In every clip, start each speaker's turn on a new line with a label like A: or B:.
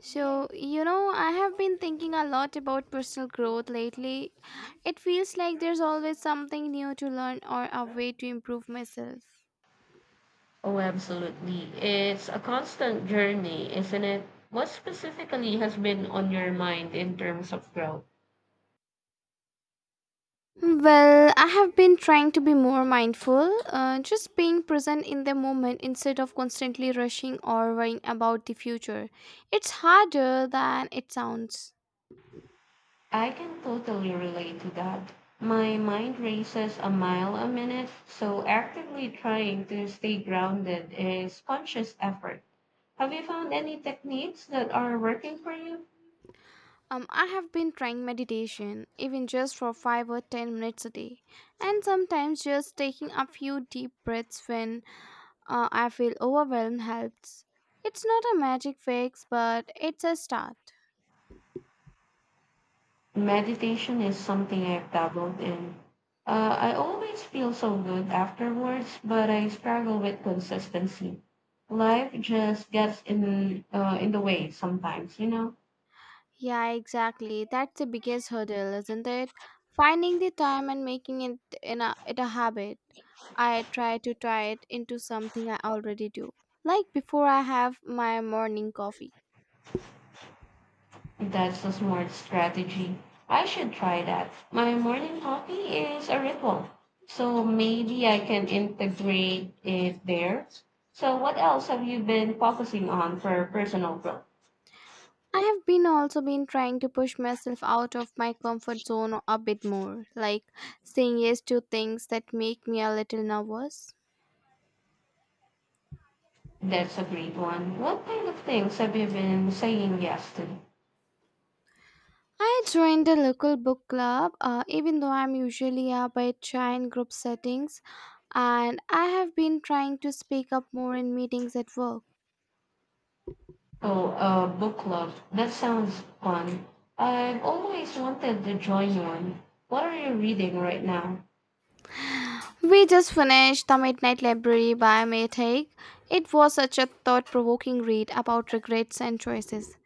A: So, you know, I have been thinking a lot about personal growth lately. It feels like there's always something new to learn or a way to improve myself.
B: Oh, absolutely. It's a constant journey, isn't it? What specifically has been on your mind in terms of growth?
A: Well, I have been trying to be more mindful, just being present in the moment instead of constantly rushing or worrying about the future. It's harder than it sounds.
B: I can totally relate to that. My mind races a mile a minute, so actively trying to stay grounded is conscious effort. Have you found any techniques that are working for you?
A: I have been trying meditation, even just for 5 or 10 minutes a day, and sometimes just taking a few deep breaths when I feel overwhelm helps. It's not a magic fix, but it's a start.
B: Meditation is something I've dabbled in. I always feel so good afterwards, but I struggle with consistency. Life just gets in in the way sometimes.
A: Yeah, exactly. That's the biggest hurdle, isn't it? Finding the time and making it a habit. I try to tie it into something I already do, like before I have my morning coffee.
B: That's a smart strategy. I should try that. My morning coffee is a ritual, so maybe I can integrate it there. So, what else have you been focusing on for personal growth?
A: I have been also been trying to push myself out of my comfort zone a bit more, like saying yes to things that make me a little nervous.
B: That's a great one. What kind of things have you been saying yes to?
A: I joined a local book club, even though I'm usually a bit shy in group settings, and I have been trying to speak up more in meetings at work.
B: Oh, book club. That sounds fun. I've always wanted to join one. What are you reading right now?
A: We just finished The Midnight Library by May Haig. It was such a thought provoking read about regrets and choices.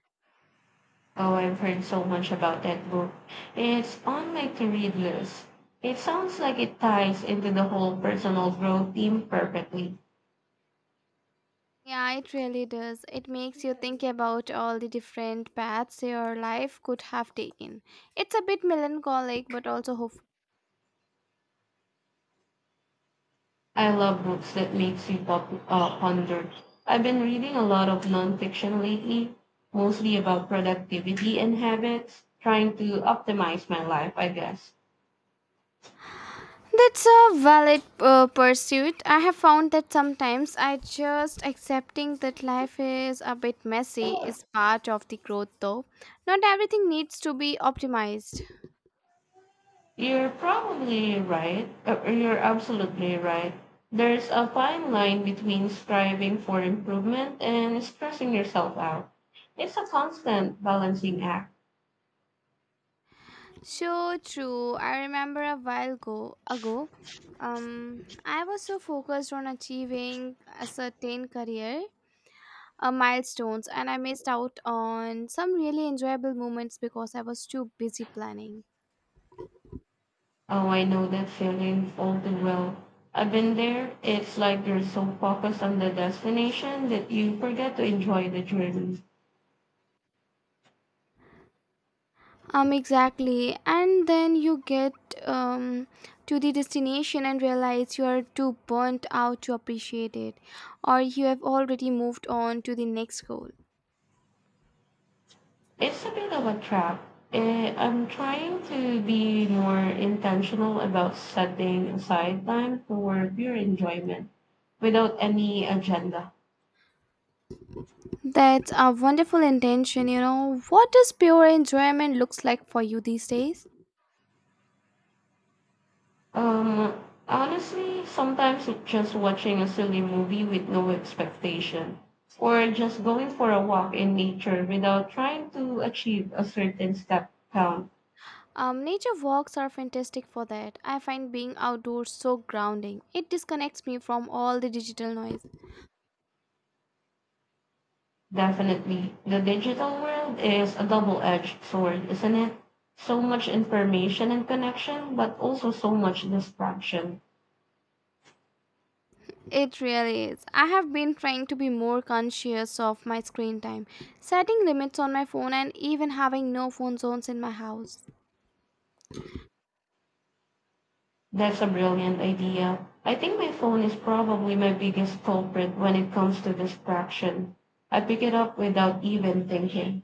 B: Oh, I've heard so much about that book. It's on my to read list. It sounds like it ties into the whole personal growth theme perfectly.
A: Yeah, it really does. It makes you think about all the different paths your life could have taken. It's a bit melancholic but also hopeful.
B: I love books that makes you ponder. I've been reading a lot of nonfiction lately, mostly about productivity and habits, trying to optimize my life, I guess.
A: That's a valid pursuit. I have found that sometimes I just accepting that life is a bit messy is part of the growth, though. Not everything needs to be optimized.
B: You're probably right. You're absolutely right. There's a fine line between striving for improvement and stressing yourself out. It's a constant balancing act.
A: So true. I remember ago, I was so focused on achieving a certain career milestones, and I missed out on some really enjoyable moments because I was too busy planning.
B: Oh, I know that feeling all too well. I've been there. It's like you're so focused on the destination that you forget to enjoy the journey.
A: Exactly. And then you get um, to the destination and realize you are too burnt out to appreciate it, or you have already moved on to the next goal.
B: It's a bit of a trap. I'm trying to be more intentional about setting aside time for pure enjoyment without any agenda.
A: That's a wonderful intention, you know. What does pure enjoyment looks like for you these days?
B: Honestly, sometimes it's just watching a silly movie with no expectation, or just going for a walk in nature without trying to achieve a certain step count.
A: Nature walks are fantastic for that. I find being outdoors so grounding. It disconnects me from all the digital noise.
B: Definitely, the digital world is a double-edged sword, isn't it? So much information and connection, but also so much distraction.
A: It really is. I have been trying to be more conscious of my screen time, setting limits on my phone, and even having no phone zones in my house.
B: That's a brilliant idea. I think my phone is probably my biggest culprit when it comes to distraction. I pick it up without even thinking.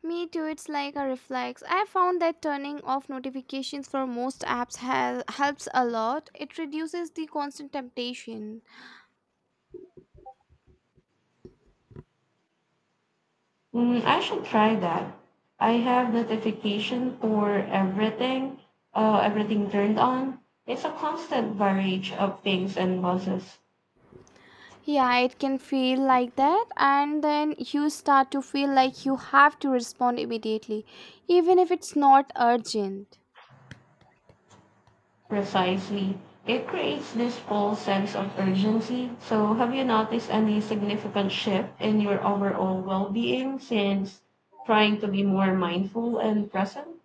A: Me too, it's like a reflex. I have found that turning off notifications for most apps helps a lot. It reduces the constant temptation.
B: Mm, I should try that. I have notification for everything turned on. It's a constant barrage of pings and buzzes.
A: Yeah, it can feel like that, and then you start to feel like you have to respond immediately, even if it's not urgent.
B: Precisely. It creates this false sense of urgency. So have you noticed any significant shift in your overall well-being since trying to be more mindful and present?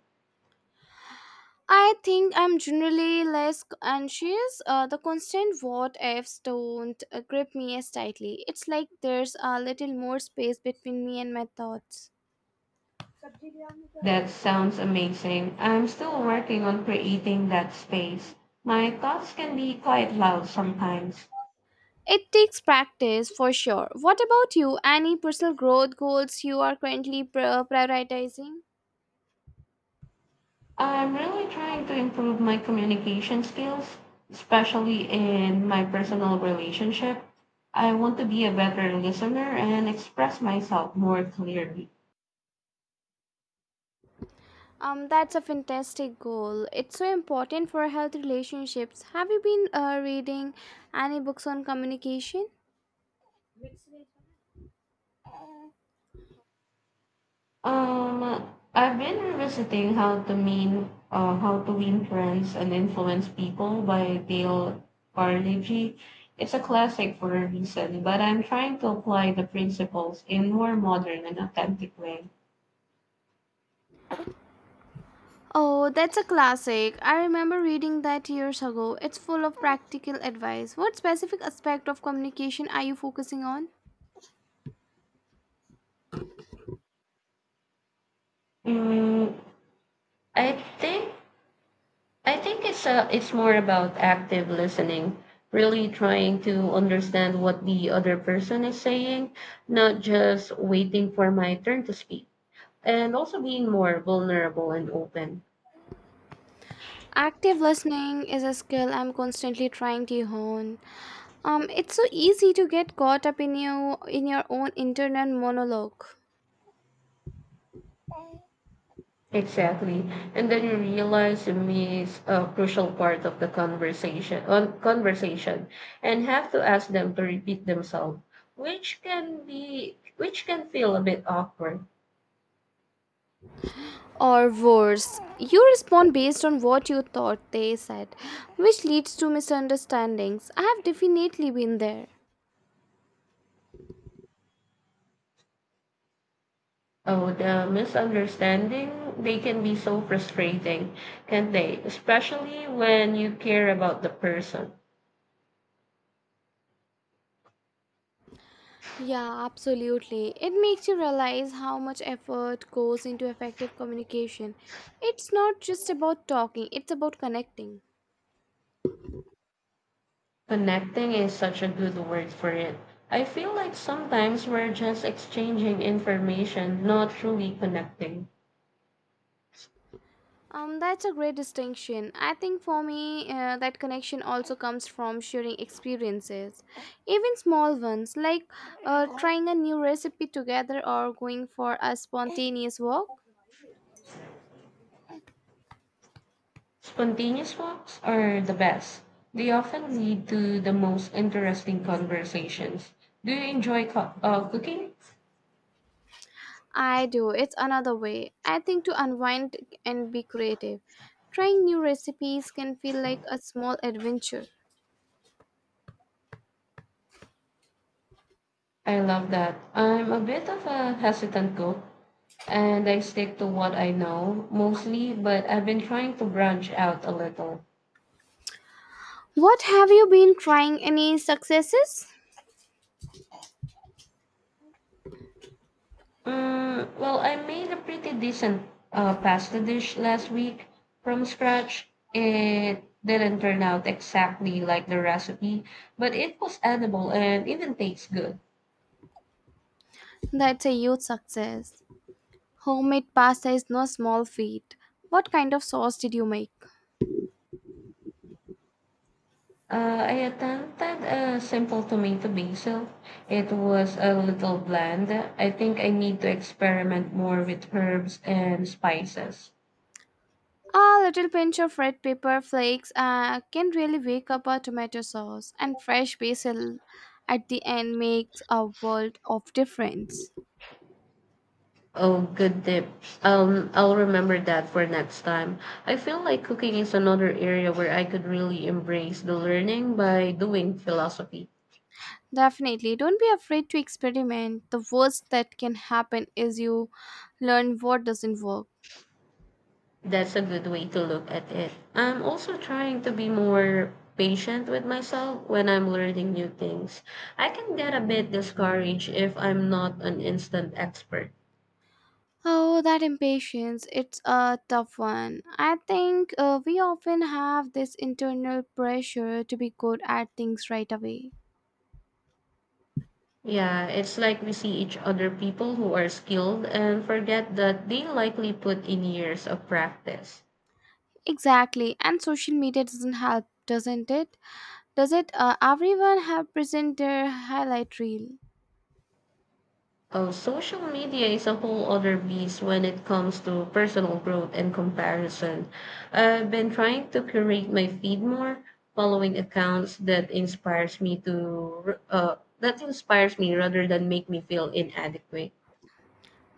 A: I think I'm generally less anxious. The constant what ifs don't grip me as tightly. It's like there's a little more space between me and my thoughts.
B: That sounds amazing. I'm still working on creating that space. My thoughts can be quite loud sometimes.
A: It takes practice for sure. What about you? Any personal growth goals you are currently prioritizing?
B: I'm really trying to improve my communication skills, especially in my personal relationship. I want to be a better listener and express myself more clearly.
A: That's a fantastic goal. It's so important for healthy relationships. Have you been reading any books on communication?
B: I've been revisiting how to win friends and influence people by Dale Carnegie. It's a classic for a reason, but I'm trying to apply the principles in more modern and authentic way.
A: Oh, that's a classic. I remember reading that years ago. It's full of practical advice. What specific aspect of communication are you focusing on?
B: Mm, I think I think it's it's more about active listening, really trying to understand what the other person is saying, not just waiting for my turn to speak, and also being more vulnerable and open.
A: Active listening is a skill I'm constantly trying to hone. It's so easy to get caught up in you in your own internal monologue.
B: Exactly, and then you realize it is a crucial part of the conversation. On conversation, and have to ask them to repeat themselves, which can be which can feel a bit awkward.
A: Or worse, you respond based on what you thought they said, which leads to misunderstandings. I have definitely been there.
B: Oh, the misunderstanding, they can be so frustrating, can't they? Especially when you care about the person.
A: Yeah, absolutely. It makes you realize how much effort goes into effective communication. It's not just about talking, it's about connecting.
B: Connecting is such a good word for it. I feel like sometimes we're just exchanging information, not truly connecting.
A: That's a great distinction. I think for me, that connection also comes from sharing experiences, even small ones like trying a new recipe together or going for a spontaneous walk.
B: Spontaneous walks are the best. They often lead to the most interesting conversations. Do you enjoy cooking?
A: I do. It's another way, I think, to unwind and be creative. Trying new recipes can feel like a small adventure.
B: I love that. I'm a bit of a hesitant cook and I stick to what I know mostly, but I've been trying to branch out a little.
A: What have you been trying? Any successes?
B: Mm, well, I made a pretty decent pasta dish last week from scratch. It didn't turn out exactly like the recipe, but it was edible and even tastes good.
A: That's a huge success. Homemade pasta is no small feat. What kind of sauce did you make?
B: I attempted a simple tomato basil. It was a little bland. I think I need to experiment more with herbs and spices.
A: A little pinch of red pepper flakes can really wake up a tomato sauce, and fresh basil at the end makes a world of difference.
B: Oh, good tip. I'll remember that for next time. I feel like cooking is another area where I could really embrace the learning by doing philosophy.
A: Definitely. Don't be afraid to experiment. The worst that can happen is you learn what doesn't work.
B: That's a good way to look at it. I'm also trying to be more patient with myself when I'm learning new things. I can get a bit discouraged if I'm not an instant expert.
A: Oh, that impatience. It's a tough one. I think we often have this internal pressure to be good at things right away.
B: Yeah, it's like we see each other people who are skilled and forget that they likely put in years of practice.
A: Exactly. And social media doesn't help, doesn't it? Does it? Everyone have present their highlight reel.
B: Oh, social media is a whole other beast when it comes to personal growth and comparison. I've been trying to curate my feed more, following accounts that inspires me rather than make me feel inadequate.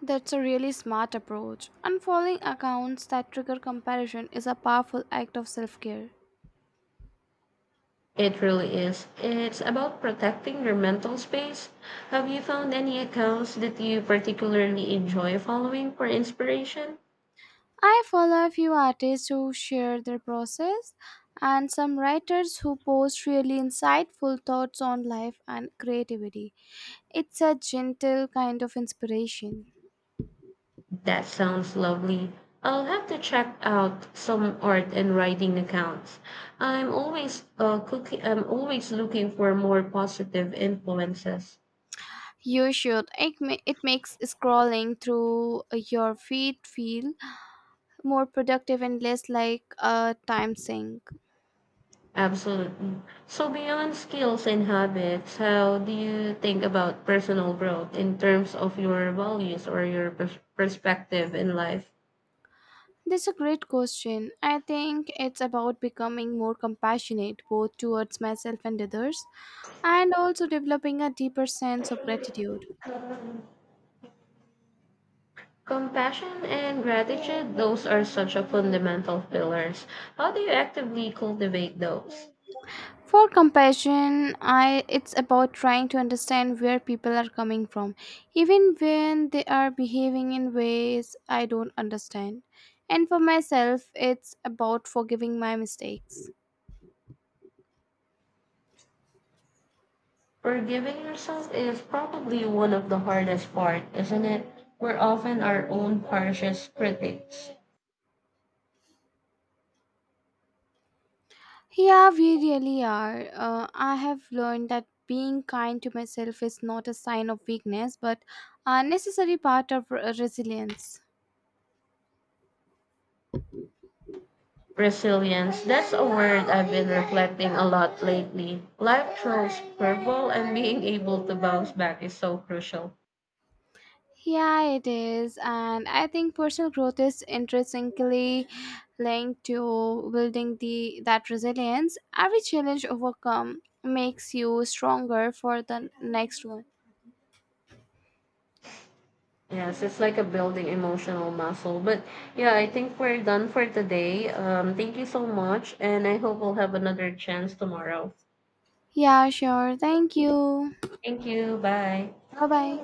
A: That's a really smart approach. Unfollowing accounts that trigger comparison is a powerful act of self care.
B: It really is. It's about protecting your mental space. Have you found any accounts that you particularly enjoy following for inspiration?
A: I follow a few artists who share their process and some writers who post really insightful thoughts on life and creativity. It's a gentle kind of inspiration.
B: That sounds lovely. I'll have to check out some art and writing accounts. I'm always I'm always looking for more positive influences.
A: You should. It makes scrolling through your feed feel more productive and less like a time sink.
B: Absolutely. So beyond skills and habits, how do you think about personal growth in terms of your values or your perspective in life?
A: That's a great question. I think it's about becoming more compassionate both towards myself and others and also developing a deeper sense of gratitude.
B: Compassion and gratitude, those are such a fundamental pillars. How do you actively cultivate those?
A: For compassion, I it's about trying to understand where people are coming from, even when they are behaving in ways I don't understand. And for myself, it's about forgiving my mistakes.
B: Forgiving yourself is probably one of the hardest part, isn't it? We're often our own harshest critics.
A: Yeah, we really are. I have learned that being kind to myself is not a sign of weakness, but a necessary part of resilience.
B: Resilience, that's a word I've been reflecting a lot lately. Life throws curveball and being able to bounce back is so crucial.
A: Yeah, it is. And I think personal growth is intrinsically linked to building the that resilience. Every challenge overcome makes you stronger for the next one.
B: Yes, it's like a building emotional muscle. But yeah, I think we're done for today. Thank you so much, and I hope we'll have another chance tomorrow.
A: Yeah, sure. Thank you.
B: Thank you. Bye.
A: Bye bye.